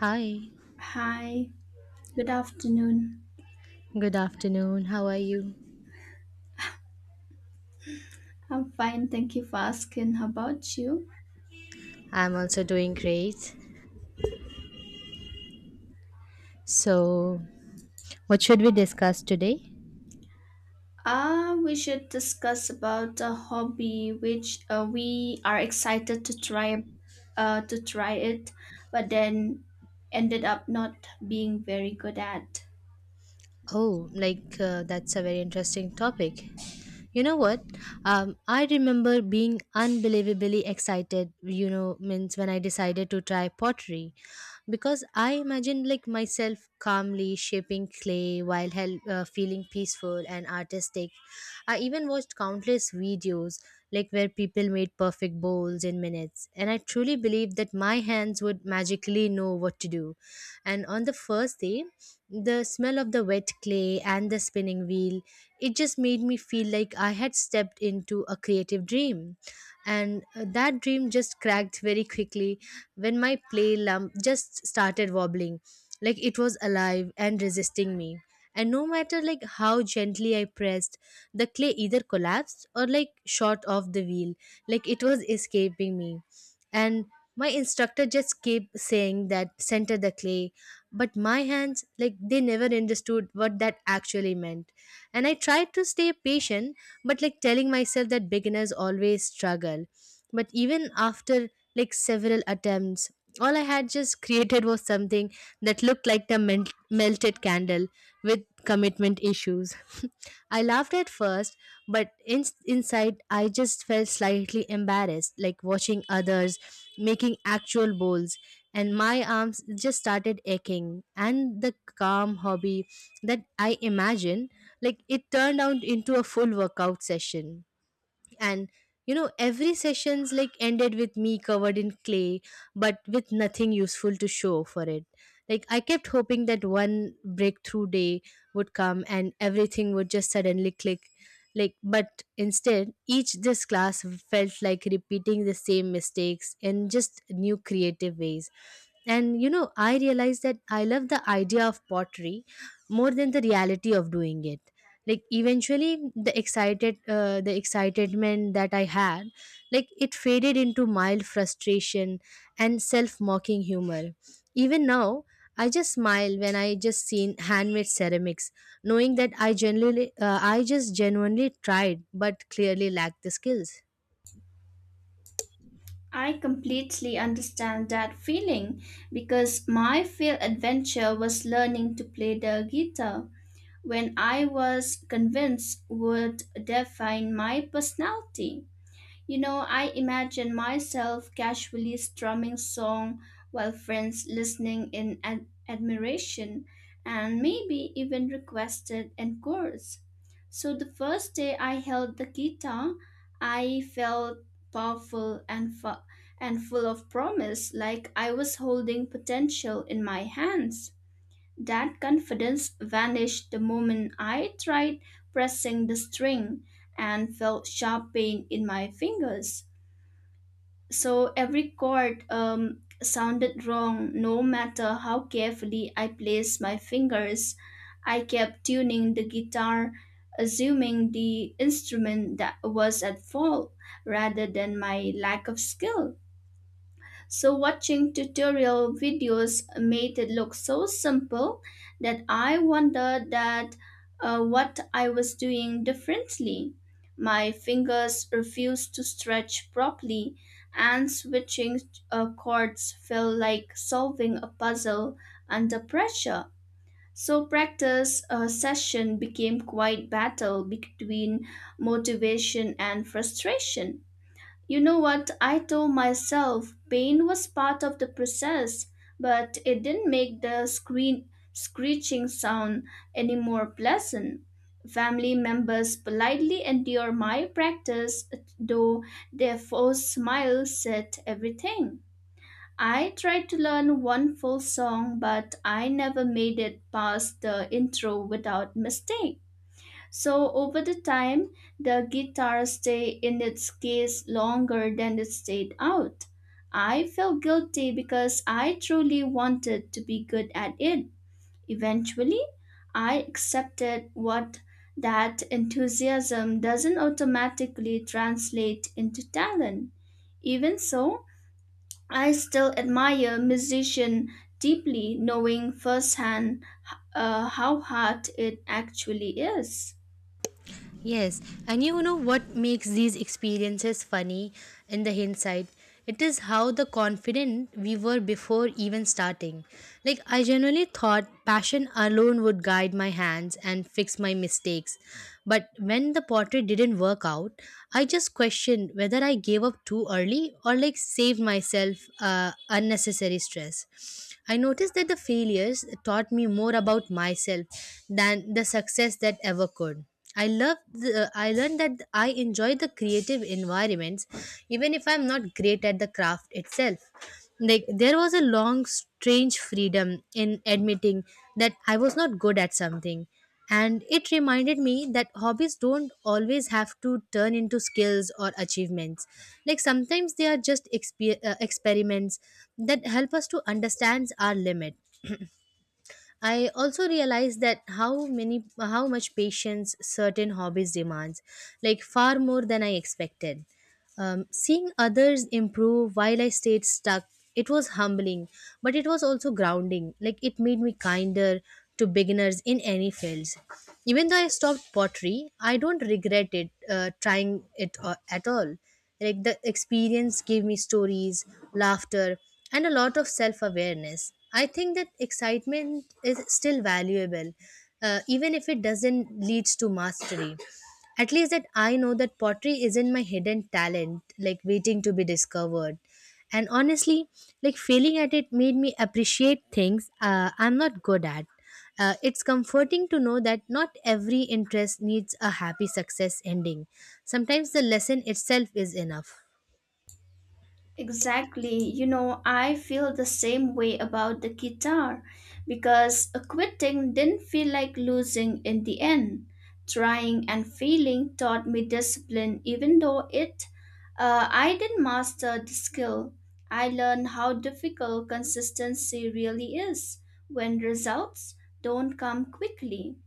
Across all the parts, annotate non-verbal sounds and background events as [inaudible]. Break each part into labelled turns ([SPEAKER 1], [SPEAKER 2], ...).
[SPEAKER 1] Hi,
[SPEAKER 2] Hi, good afternoon.
[SPEAKER 1] good afternoon. How are you?
[SPEAKER 2] I'm fine, thank you for asking. How about you?
[SPEAKER 1] I'm also doing great. So, what should we discuss today?
[SPEAKER 2] Ah, we should discuss about a hobby which we are excited to try, uh, to try it, but then ended up not being very good at.
[SPEAKER 1] Oh, that's a very interesting topic. You know what? I remember being unbelievably excited, means when I decided to try pottery because I imagined like myself calmly shaping clay while feeling peaceful and artistic. I even watched countless videos like where people made perfect bowls in minutes, and I truly believed that my hands would magically know what to do. And on the first day, the smell of the wet clay and the spinning wheel it just made me feel like I had stepped into a creative dream. And That dream just cracked very quickly when my play lump just started wobbling, like it was alive and resisting me. And no matter like how gently I pressed, the clay either collapsed or like shot off the wheel, like it was escaping me. And my instructor just kept saying that center the clay, but my hands like they never understood what that actually meant and I tried to stay patient, but like telling myself that beginners always struggle. But even after like several attempts, all I had just [laughs] created was something that looked like the melted candle with commitment issues. I laughed at first, but inside I just felt slightly embarrassed, like watching others making actual bowls, and my arms just started aching. And the calm hobby that I imagined, like it turned out into a full workout session and you know every sessions like ended with me covered in clay but with nothing useful to show for it like I kept hoping that one breakthrough day would come and everything would just suddenly click like but instead each this class felt like repeating the same mistakes in just new creative ways and you know, I realized that I love the idea of pottery more than the reality of doing it. Like eventually, the excitement that I had, like it faded into mild frustration and self-mocking humor. Even now, I just smile when I just seen handmade ceramics, knowing that I just genuinely tried, but clearly lacked the skills.
[SPEAKER 2] I completely understand that feeling because my failed adventure was learning to play the guitar when I was convinced would define my personality. You know, I imagine myself casually strumming song while friends listening in admiration and maybe even requested encores. So the first day I held the guitar, I felt powerful and and full of promise, like I was holding potential in my hands. That confidence vanished the moment I tried pressing the string and felt sharp pain in my fingers. So every chord sounded wrong no matter how carefully I placed my fingers. I kept tuning the guitar, assuming the instrument that was at fault rather than my lack of skill. So, watching tutorial videos made it look so simple that I wondered that what I was doing differently. My fingers refused to stretch properly, and switching chords felt like solving a puzzle under pressure. So, practice session became quite battle between motivation and frustration. You know what? I told myself pain was part of the process, but it didn't make the screen screeching sound any more pleasant. Family members politely endure my practice, though their forced smile said everything. I tried to learn one full song, but I never made it past the intro without mistake. So over the time, the guitar stayed in its case longer than it stayed out. I felt guilty because I truly wanted to be good at it. Eventually, I accepted what that enthusiasm doesn't automatically translate into talent. Even so, I still admire musician deeply knowing firsthand how hard it actually is.
[SPEAKER 1] Yes, and you know what makes these experiences funny in the hindsight? It is how the confident we were before even starting. Like I genuinely thought passion alone would guide my hands and fix my mistakes. But when the portrait didn't work out, I just questioned whether I gave up too early or like saved myself unnecessary stress. I noticed that the failures taught me more about myself than the success that ever could. I learned that I enjoy the creative environments even if I'm not great at the craft itself. Like there was a long strange freedom in admitting that I was not good at something and it reminded me that hobbies don't always have to turn into skills or achievements. Like sometimes they are just experiments that help us to understand our limit. I also realized that how much patience certain hobbies demands, like far more than I expected. Seeing others improve while I stayed stuck, it was humbling, but it was also grounding. Like it made me kinder to beginners in any fields. Even though I stopped pottery, I don't regret it trying it at all. Like the experience gave me stories, laughter, and a lot of self awareness. I think that excitement is still valuable, even if it doesn't lead to mastery. At least that I know that pottery isn't my hidden talent, like waiting to be discovered. And honestly, like failing at it made me appreciate things I'm not good at. It's comforting to know that not every interest needs a happy success ending. Sometimes the lesson itself is enough.
[SPEAKER 2] Exactly. You know, I feel the same way about the guitar because quitting didn't feel like losing in the end. Trying and failing taught me discipline, even though it I didn't master the skill. I learned how difficult consistency really is when results don't come quickly.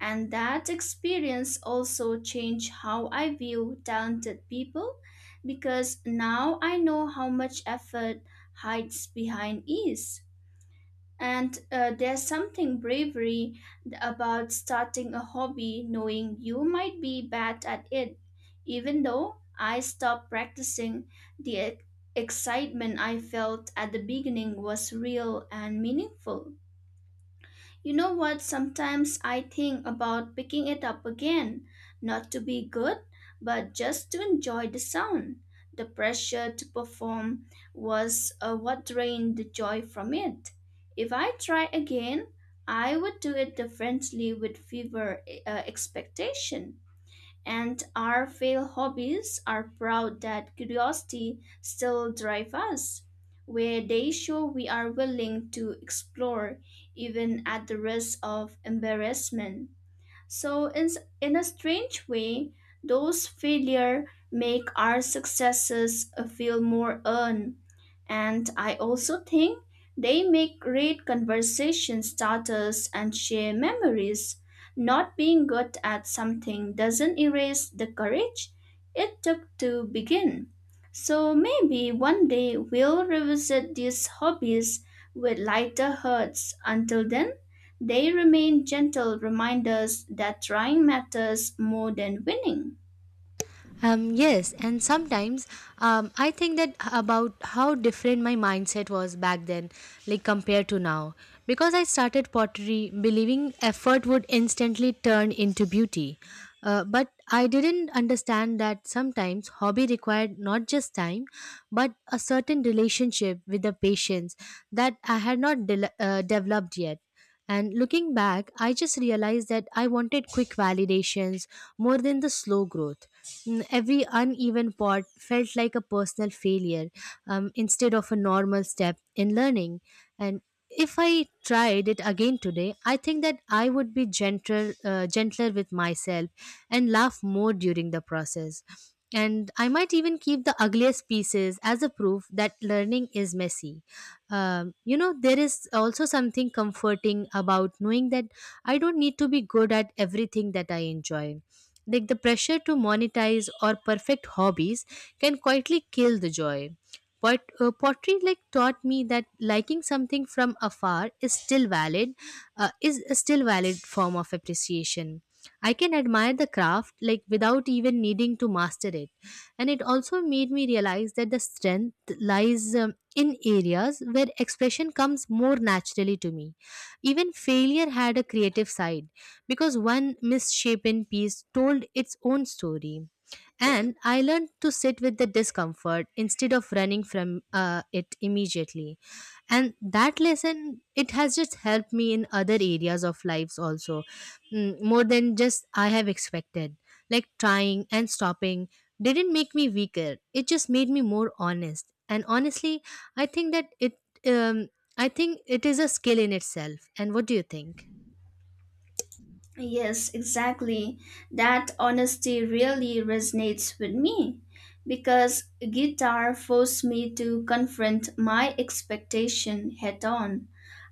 [SPEAKER 2] And that experience also changed how I view talented people because now I know how much effort hides behind ease. And there's something bravery about starting a hobby knowing you might be bad at it. Even though I stopped practicing, the e- excitement I felt at the beginning was real and meaningful. You know what? Sometimes I think about picking it up again, not to be good, but just to enjoy the sound. The pressure to perform was what drained the joy from it. If I try again, I would do it differently with fever expectation and our failed hobbies are proud that curiosity still drives us, where they show we are willing to explore even at the risk of embarrassment. So in a strange way, those failure make our successes feel more earned, and I also think they make great conversation starters and share memories. Not being good at something doesn't erase the courage it took to begin. So maybe one day we'll revisit these hobbies with lighter hearts. Until then, they remain gentle reminders that trying matters more than winning.
[SPEAKER 1] Yes, and sometimes I think that about how different my mindset was back then, like compared to now. Because I started pottery believing effort would instantly turn into beauty. But I didn't understand that sometimes hobby required not just time, but a certain relationship with the patience that I had not developed yet. And looking back, I just realized that I wanted quick validations more than the slow growth. Every uneven part felt like a personal failure instead of a normal step in learning. And if I tried it again today, I think that I would be gentler with myself and laugh more during the process. And I might even keep the ugliest pieces as a proof that learning is messy. You know, there is also something comforting about knowing that I don't need to be good at everything that I enjoy. Like the pressure to monetize or perfect hobbies can quietly kill the joy. But pottery like taught me that liking something from afar is still valid, is a still valid form of appreciation. I can admire the craft like without even needing to master it, and it also made me realize that the strength lies in areas where expression comes more naturally to me. Even failure had a creative side because one misshapen piece told its own story. And I learned to sit with the discomfort instead of running from it immediately. And that lesson, it has just helped me in other areas of lives also, more than just I have expected like trying and stopping, didn't make me weaker. It just made me more honest. And honestly, I think that it um, I think it is a skill in itself. And what do you think?
[SPEAKER 2] Yes, exactly. That honesty really resonates with me because guitar forced me to confront my expectation head on.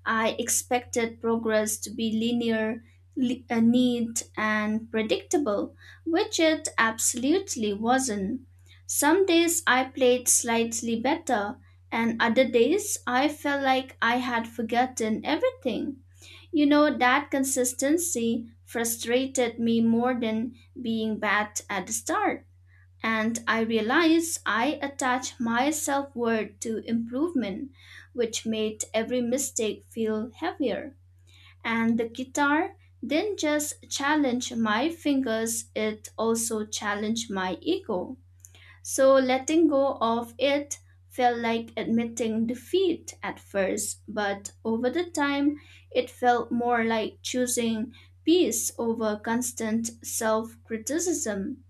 [SPEAKER 2] I expected progress to be linear, neat, and predictable, which it absolutely wasn't. Some days I played slightly better, and other days I felt like I had forgotten everything. You know, that consistency frustrated me more than being bad at the start. And I realized I attached my self worth to improvement, which made every mistake feel heavier. And the guitar didn't just challenge my fingers, it also challenged my ego. So letting go of it felt like admitting defeat at first, but over the time, it felt more like choosing peace over constant self criticism.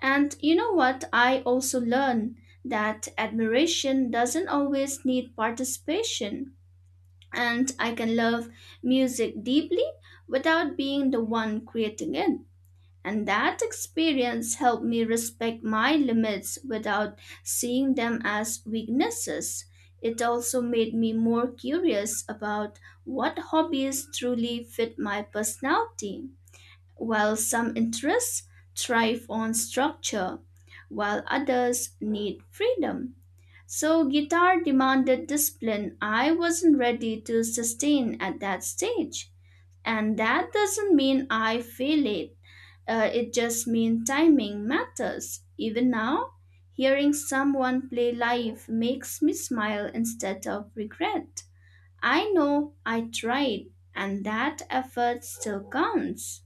[SPEAKER 2] And you know what? I also learned that admiration doesn't always need participation. And I can love music deeply without being the one creating it. And that experience helped me respect my limits without seeing them as weaknesses. It also made me more curious about what hobbies truly fit my personality, while some interests thrive on structure, while others need freedom. So, guitar demanded discipline I wasn't ready to sustain at that stage. And that doesn't mean I fail it. It just means timing matters. Even now, hearing someone play live makes me smile instead of regret. I know I tried, and that effort still counts.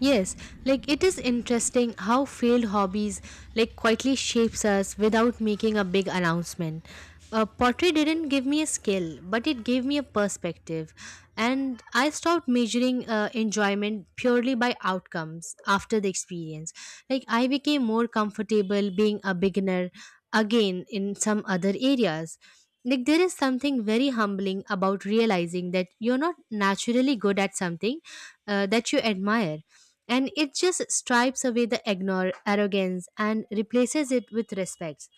[SPEAKER 1] Yes, like it is interesting how failed hobbies like quietly shapes us without making a big announcement. Pottery didn't give me a skill, but it gave me a perspective, and I stopped measuring enjoyment purely by outcomes after the experience. Like I became more comfortable being a beginner again in some other areas like there is something very humbling about realizing that you're not naturally good at something that you admire and it just stripes away the ignore arrogance and replaces it with respect.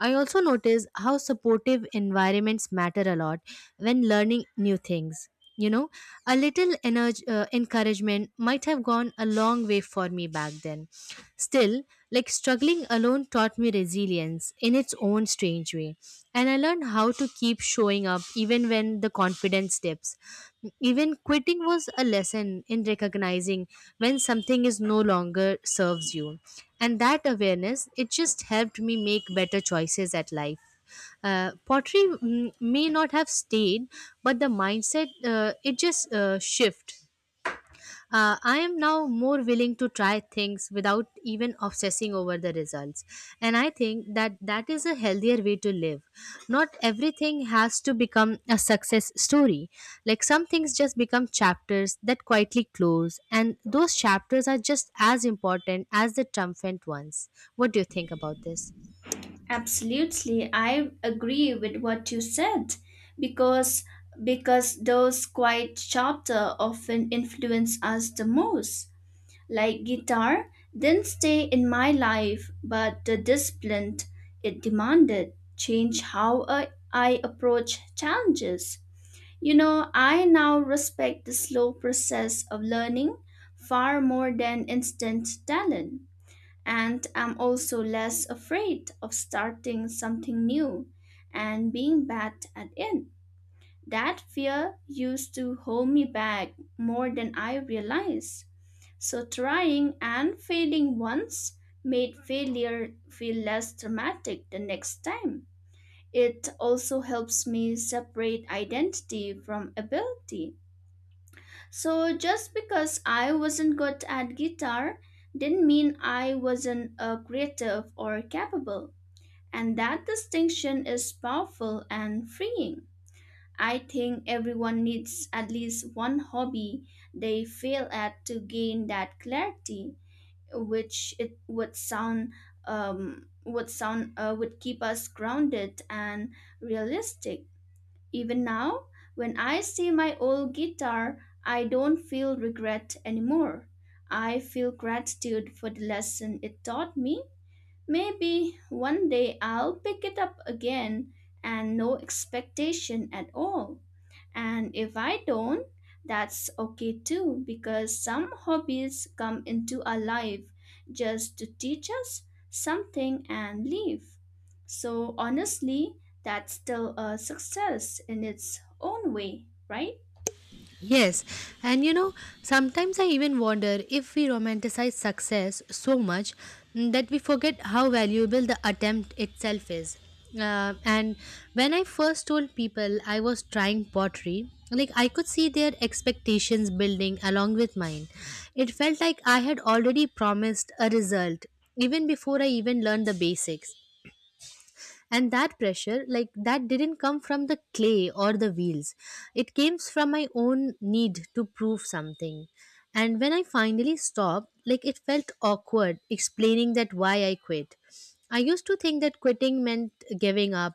[SPEAKER 1] I also notice how supportive environments matter a lot when learning new things. You know, a little encouragement might have gone a long way for me back then. Still, like struggling alone taught me resilience in its own strange way. And I learned how to keep showing up even when the confidence dips. Even quitting was a lesson in recognizing when something is no longer serves you. And that awareness, it just helped me make better choices at life. Pottery may not have stayed, but the mindset, it just shift. I am now more willing to try things without even obsessing over the results. And I think that that is a healthier way to live. Not everything has to become a success story. Like some things just become chapters that quietly close. And those chapters are just as important as the triumphant ones. What do you think about this?
[SPEAKER 2] Absolutely, I agree with what you said because those quiet chapter often influence us the most. Like guitar, didn't stay in my life, but the discipline it demanded changed how I approach challenges. You know, I now respect the slow process of learning far more than instant talent, and I'm also less afraid of starting something new and being bad at it. That fear used to hold me back more than I realized. So trying and failing once made failure feel less dramatic the next time. It also helps me separate identity from ability. So just because I wasn't good at guitar didn't mean I wasn't a creative or capable. And that distinction is powerful and freeing. I think everyone needs at least one hobby they fail at to gain that clarity which it would sound would keep us grounded and realistic. Even now, when I see my old guitar, I don't feel regret anymore. I feel gratitude for the lesson it taught me. Maybe one day I'll pick it up again and no expectation at all. And if I don't, that's okay too, because some hobbies come into our life just to teach us something and leave. So honestly, that's still a success in its own way, right?
[SPEAKER 1] Yes, and you know, sometimes I even wonder if we romanticize success so much that we forget how valuable the attempt itself is. And when I first told people I was trying pottery, like I could see their expectations building along with mine. It felt like I had already promised a result even before I even learned the basics and that pressure like that didn't come from the clay or the wheels it came from my own need to prove something and when I finally stopped like it felt awkward explaining that why I quit. I used to think that quitting meant giving up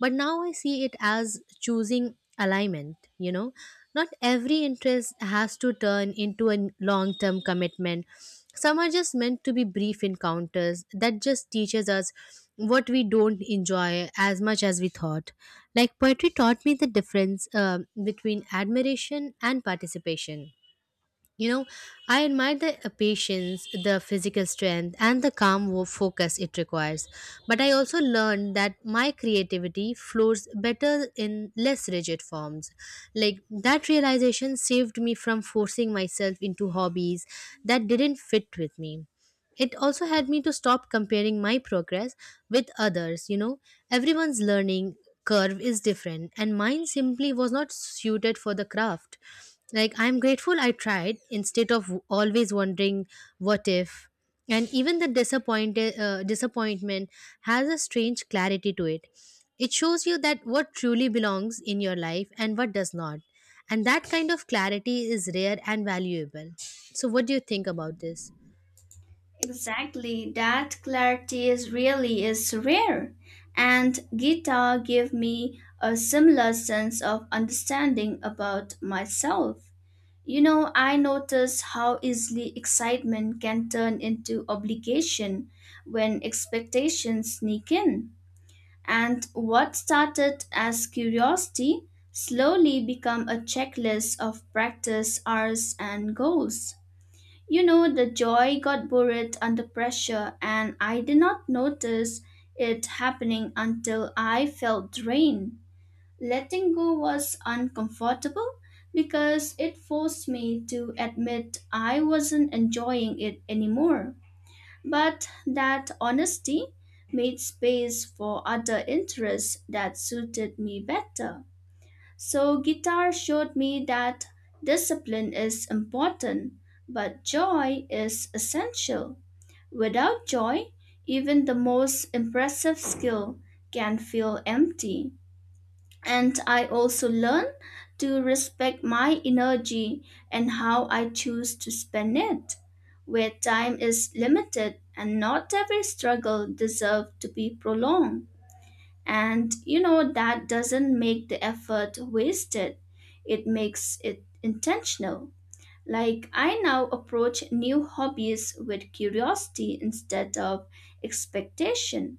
[SPEAKER 1] but now I see it as choosing alignment, you know. Not every interest has to turn into a long term commitment. Some are just meant to be brief encounters that just teaches us what we don't enjoy as much as we thought. Like poetry taught me the difference between admiration and participation. You know, I admire the patience, the physical strength, and the calm focus it requires. But I also learned that my creativity flows better in less rigid forms. Like that realization saved me from forcing myself into hobbies that didn't fit with me. It also had me to stop comparing my progress with others, you know. Everyone's learning curve is different, and mine simply was not suited for the craft. Like, I'm grateful I tried instead of always wondering what if. And even disappointment has a strange clarity to it. It shows you that what truly belongs in your life and what does not. And that kind of clarity is rare and valuable. So, what do you think about this?
[SPEAKER 2] Exactly, that clarity is really is rare, and Gita gave me a similar sense of understanding about myself. You know, I notice how easily excitement can turn into obligation when expectations sneak in, and what started as curiosity slowly become a checklist of practice hours and goals. You know, the joy got buried under pressure, and I did not notice it happening until I felt drained. Letting go was uncomfortable because it forced me to admit I wasn't enjoying it anymore. But that honesty made space for other interests that suited me better. So, guitar showed me that discipline is important, but joy is essential. Without joy, even the most impressive skill can feel empty. And I also learned to respect my energy and how I choose to spend it. Where time is limited and not every struggle deserves to be prolonged. And you know, that doesn't make the effort wasted, it makes it intentional. Like, I now approach new hobbies with curiosity instead of expectation.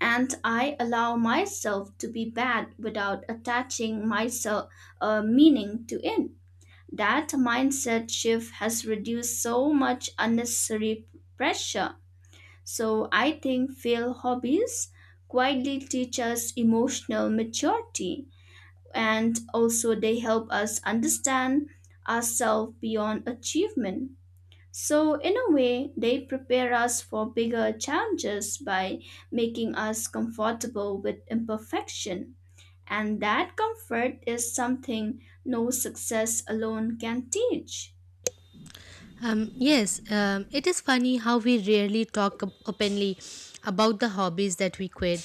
[SPEAKER 2] And I allow myself to be bad without attaching myself a meaning to it. That mindset shift has reduced so much unnecessary pressure, so I think fail hobbies quietly teach us emotional maturity, and also they help us understand ourselves beyond achievement. So in a way, they prepare us for bigger challenges by making us comfortable with imperfection. And that comfort is something no success alone can teach.
[SPEAKER 1] Yes, it is funny how we rarely talk openly about the hobbies that we quit.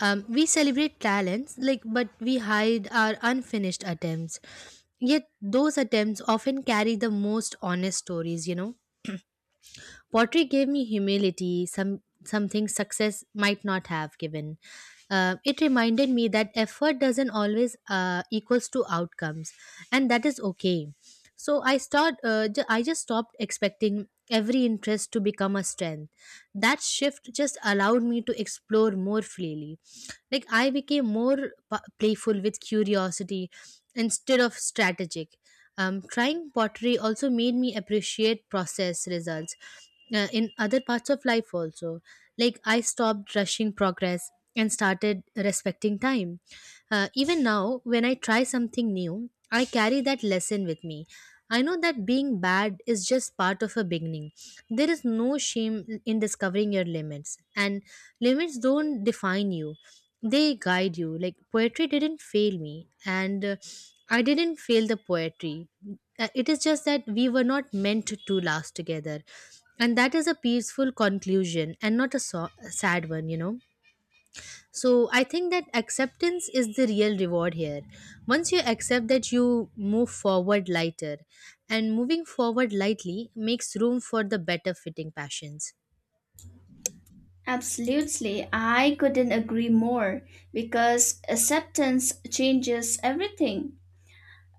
[SPEAKER 1] We celebrate talents, like, but we hide our unfinished attempts. Yet those attempts often carry the most honest stories. Pottery gave me humility, something success might not have given. It reminded me that effort doesn't always equals to outcomes, and that is okay. I just stopped expecting every interest to become a strength. That shift just allowed me to explore more freely. Like I became more playful with curiosity instead of strategic. Trying pottery also made me appreciate process results in other parts of life also. Like I stopped rushing progress and started respecting time. Even now when I try something new, I carry that lesson with me. I know that being bad is just part of a beginning. There is no shame in discovering your limits, and limits don't define you, they guide you. Like, poetry didn't fail me, and I didn't fail the poetry. It is just that we were not meant to last together. And that is a peaceful conclusion and not a sad one. So I think that acceptance is the real reward here. Once you accept that, you move forward lighter, and moving forward lightly makes room for the better fitting passions.
[SPEAKER 2] Absolutely, I couldn't agree more because acceptance changes everything.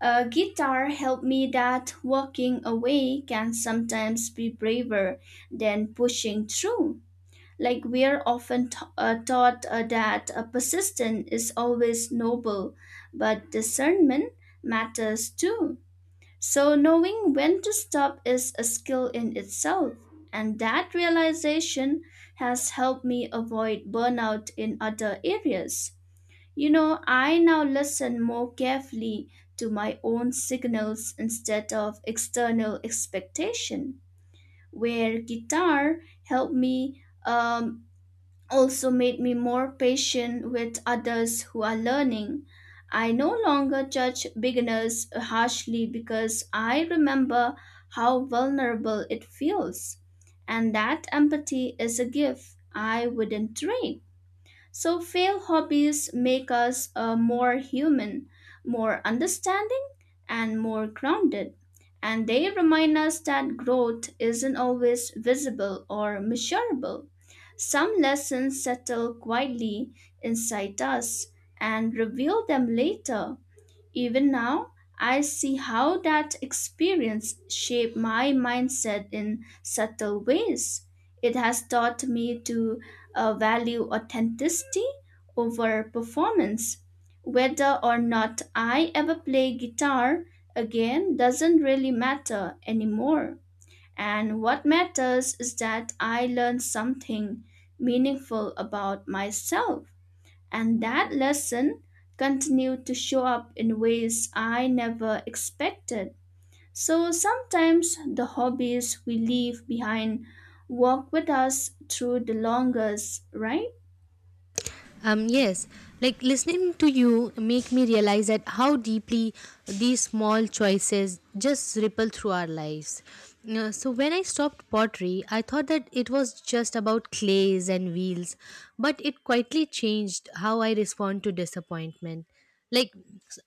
[SPEAKER 2] A guitar helped me that walking away can sometimes be braver than pushing through. Like we're often taught that persistence is always noble, but discernment matters too. So, knowing when to stop is a skill in itself, and that realization has helped me avoid burnout in other areas. You know, I now listen more carefully to my own signals instead of external expectation, where guitar helped me also made me more patient with others who are learning. I no longer judge beginners harshly because I remember how vulnerable it feels. And that empathy is a gift I wouldn't trade. So, failed hobbies make us more human, more understanding, and more grounded. And they remind us that growth isn't always visible or measurable. Some lessons settle quietly inside us and reveal them later. Even now, I see how that experience shaped my mindset in subtle ways. It has taught me to value authenticity over performance. Whether or not I ever play guitar again doesn't really matter anymore. And what matters is that I learned something meaningful about myself. And that lesson continued to show up in ways I never expected. So sometimes the hobbies we leave behind walk with us through the longest, right?
[SPEAKER 1] Yes, like listening to you make me realize that how deeply these small choices just ripple through our lives. So when I stopped pottery, I thought that it was just about clays and wheels, but it quietly changed how I respond to disappointment. Like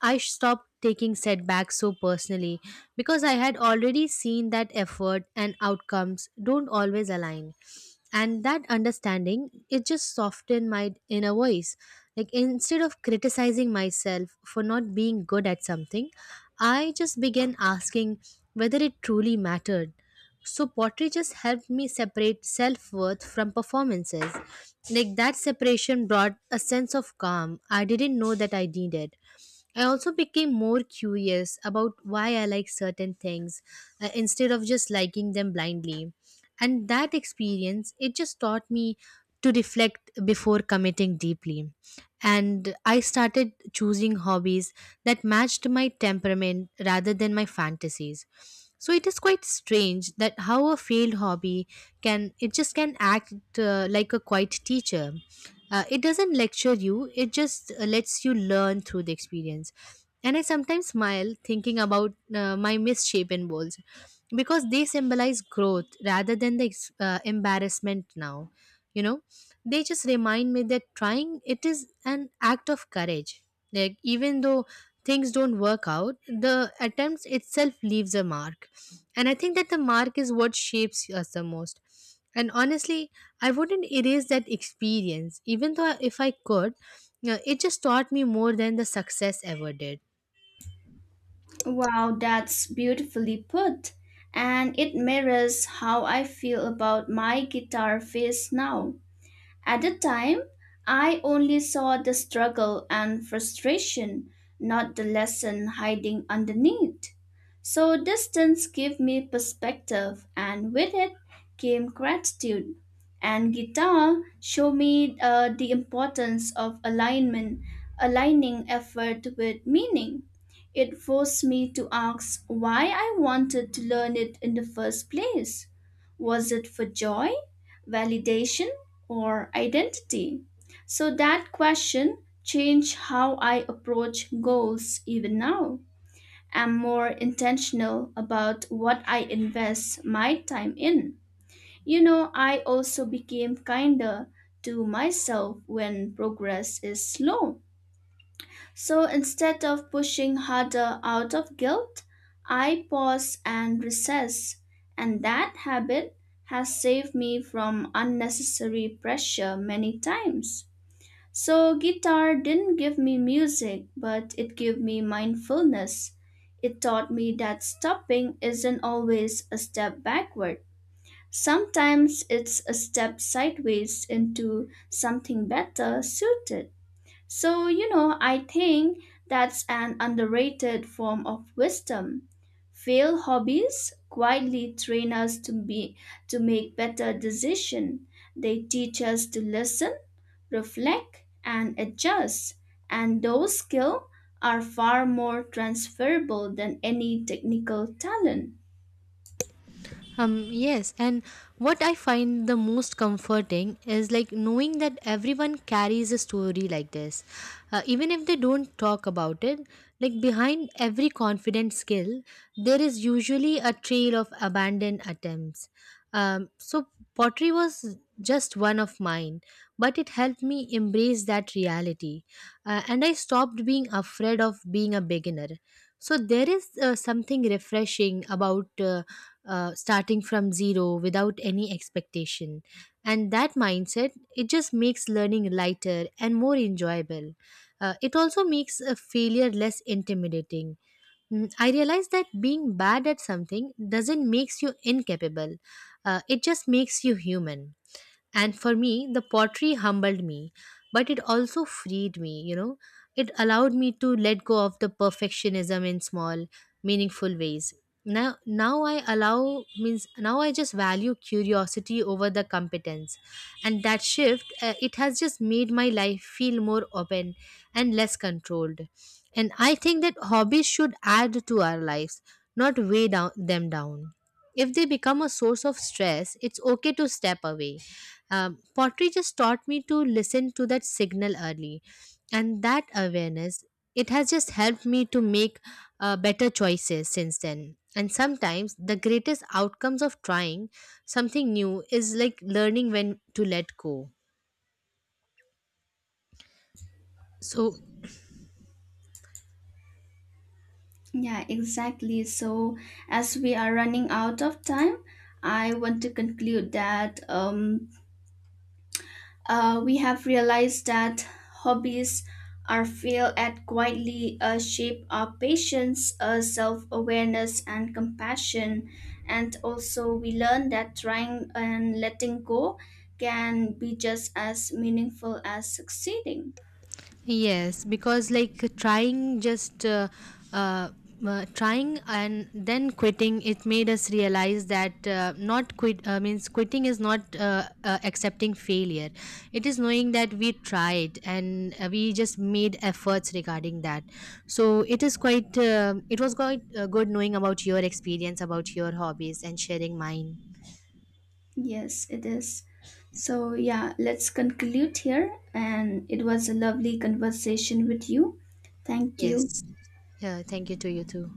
[SPEAKER 1] I stopped taking setbacks so personally, because I had already seen that effort and outcomes don't always align. And that understanding, it just softened my inner voice. Like instead of criticizing myself for not being good at something, I just began asking whether it truly mattered. So pottery just helped me separate self worth from performances. Like that separation brought a sense of calm I didn't know that I needed. I also became more curious about why I like certain things instead of just liking them blindly. And that experience, it just taught me to reflect before committing deeply. And I started choosing hobbies that matched my temperament rather than my fantasies. So it is quite strange that how a failed hobby can it just can act like a quiet teacher. It doesn't lecture you, it just lets you learn through the experience. And I sometimes smile thinking about my misshapen bowls because they symbolize growth rather than the embarrassment now. You know, they just remind me that trying it is an act of courage. Like, even though things don't work out, the attempt itself leaves a mark. And I think that the mark is what shapes us the most. And honestly, I wouldn't erase that experience, even though if I could. It just taught me more than the success ever did.
[SPEAKER 2] Wow, that's beautifully put. And it mirrors how I feel about my guitar phase now. At the time, I only saw the struggle and frustration, not the lesson hiding underneath. So distance gave me perspective, and with it came gratitude. And guitar showed me the importance of alignment, aligning effort with meaning. It forced me to ask why I wanted to learn it in the first place. Was it for joy, validation, or identity. So that question changed how I approach goals even now. I'm more intentional about what I invest my time in. You know, I also became kinder to myself when progress is slow. So instead of pushing harder out of guilt, I pause and recess. And that habit has saved me from unnecessary pressure many times. So, guitar didn't give me music, but it gave me mindfulness. It taught me that stopping isn't always a step backward. Sometimes it's a step sideways into something better suited. So, you know, I think that's an underrated form of wisdom. Failed hobbies quietly train us to be to make better decisions. They teach us to listen, reflect, and adjust. And those skills are far more transferable than any technical talent.
[SPEAKER 1] Yes, and what I find the most comforting is like knowing that everyone carries a story like this. Even if they don't talk about it, like behind every confident skill, there is usually a trail of abandoned attempts. So, pottery was just one of mine, but it helped me embrace that reality. And I stopped being afraid of being a beginner. So, there is something refreshing about. Starting from zero without any expectation, and that mindset, it just makes learning lighter and more enjoyable. It also makes a failure less intimidating. I realize that being bad at something doesn't makes you incapable. It just makes you human. And for me, the pottery humbled me, but it also freed me, you know. It allowed me to let go of the perfectionism in small, meaningful ways. Now I just value curiosity over the competence. And that shift, it has just made my life feel more open and less controlled. And I think that hobbies should add to our lives, not weigh down them down. If they become a source of stress, it's okay to step away. Pottery just taught me to listen to that signal early, and that awareness, it has just helped me to make better choices since then. And sometimes the greatest outcomes of trying something new is like learning when to let go. So
[SPEAKER 2] Yeah, exactly. So, as we are running out of time, I want to conclude that we have realized that hobbies are failed at quietly shape our patience, self-awareness, and compassion. And also, we learn that trying and letting go can be just as meaningful as succeeding.
[SPEAKER 1] yes, because like trying just uh, trying and then quitting, it made us realize that not quit means quitting is not accepting failure. It is knowing that we tried and we just made efforts regarding that. So it is quite it was quite good knowing about your experience, about your hobbies, and sharing mine.
[SPEAKER 2] Yes, it is. So yeah, let's conclude here. And it was a lovely conversation with you. Thank you.
[SPEAKER 1] Yes. Yeah. Thank you to you too.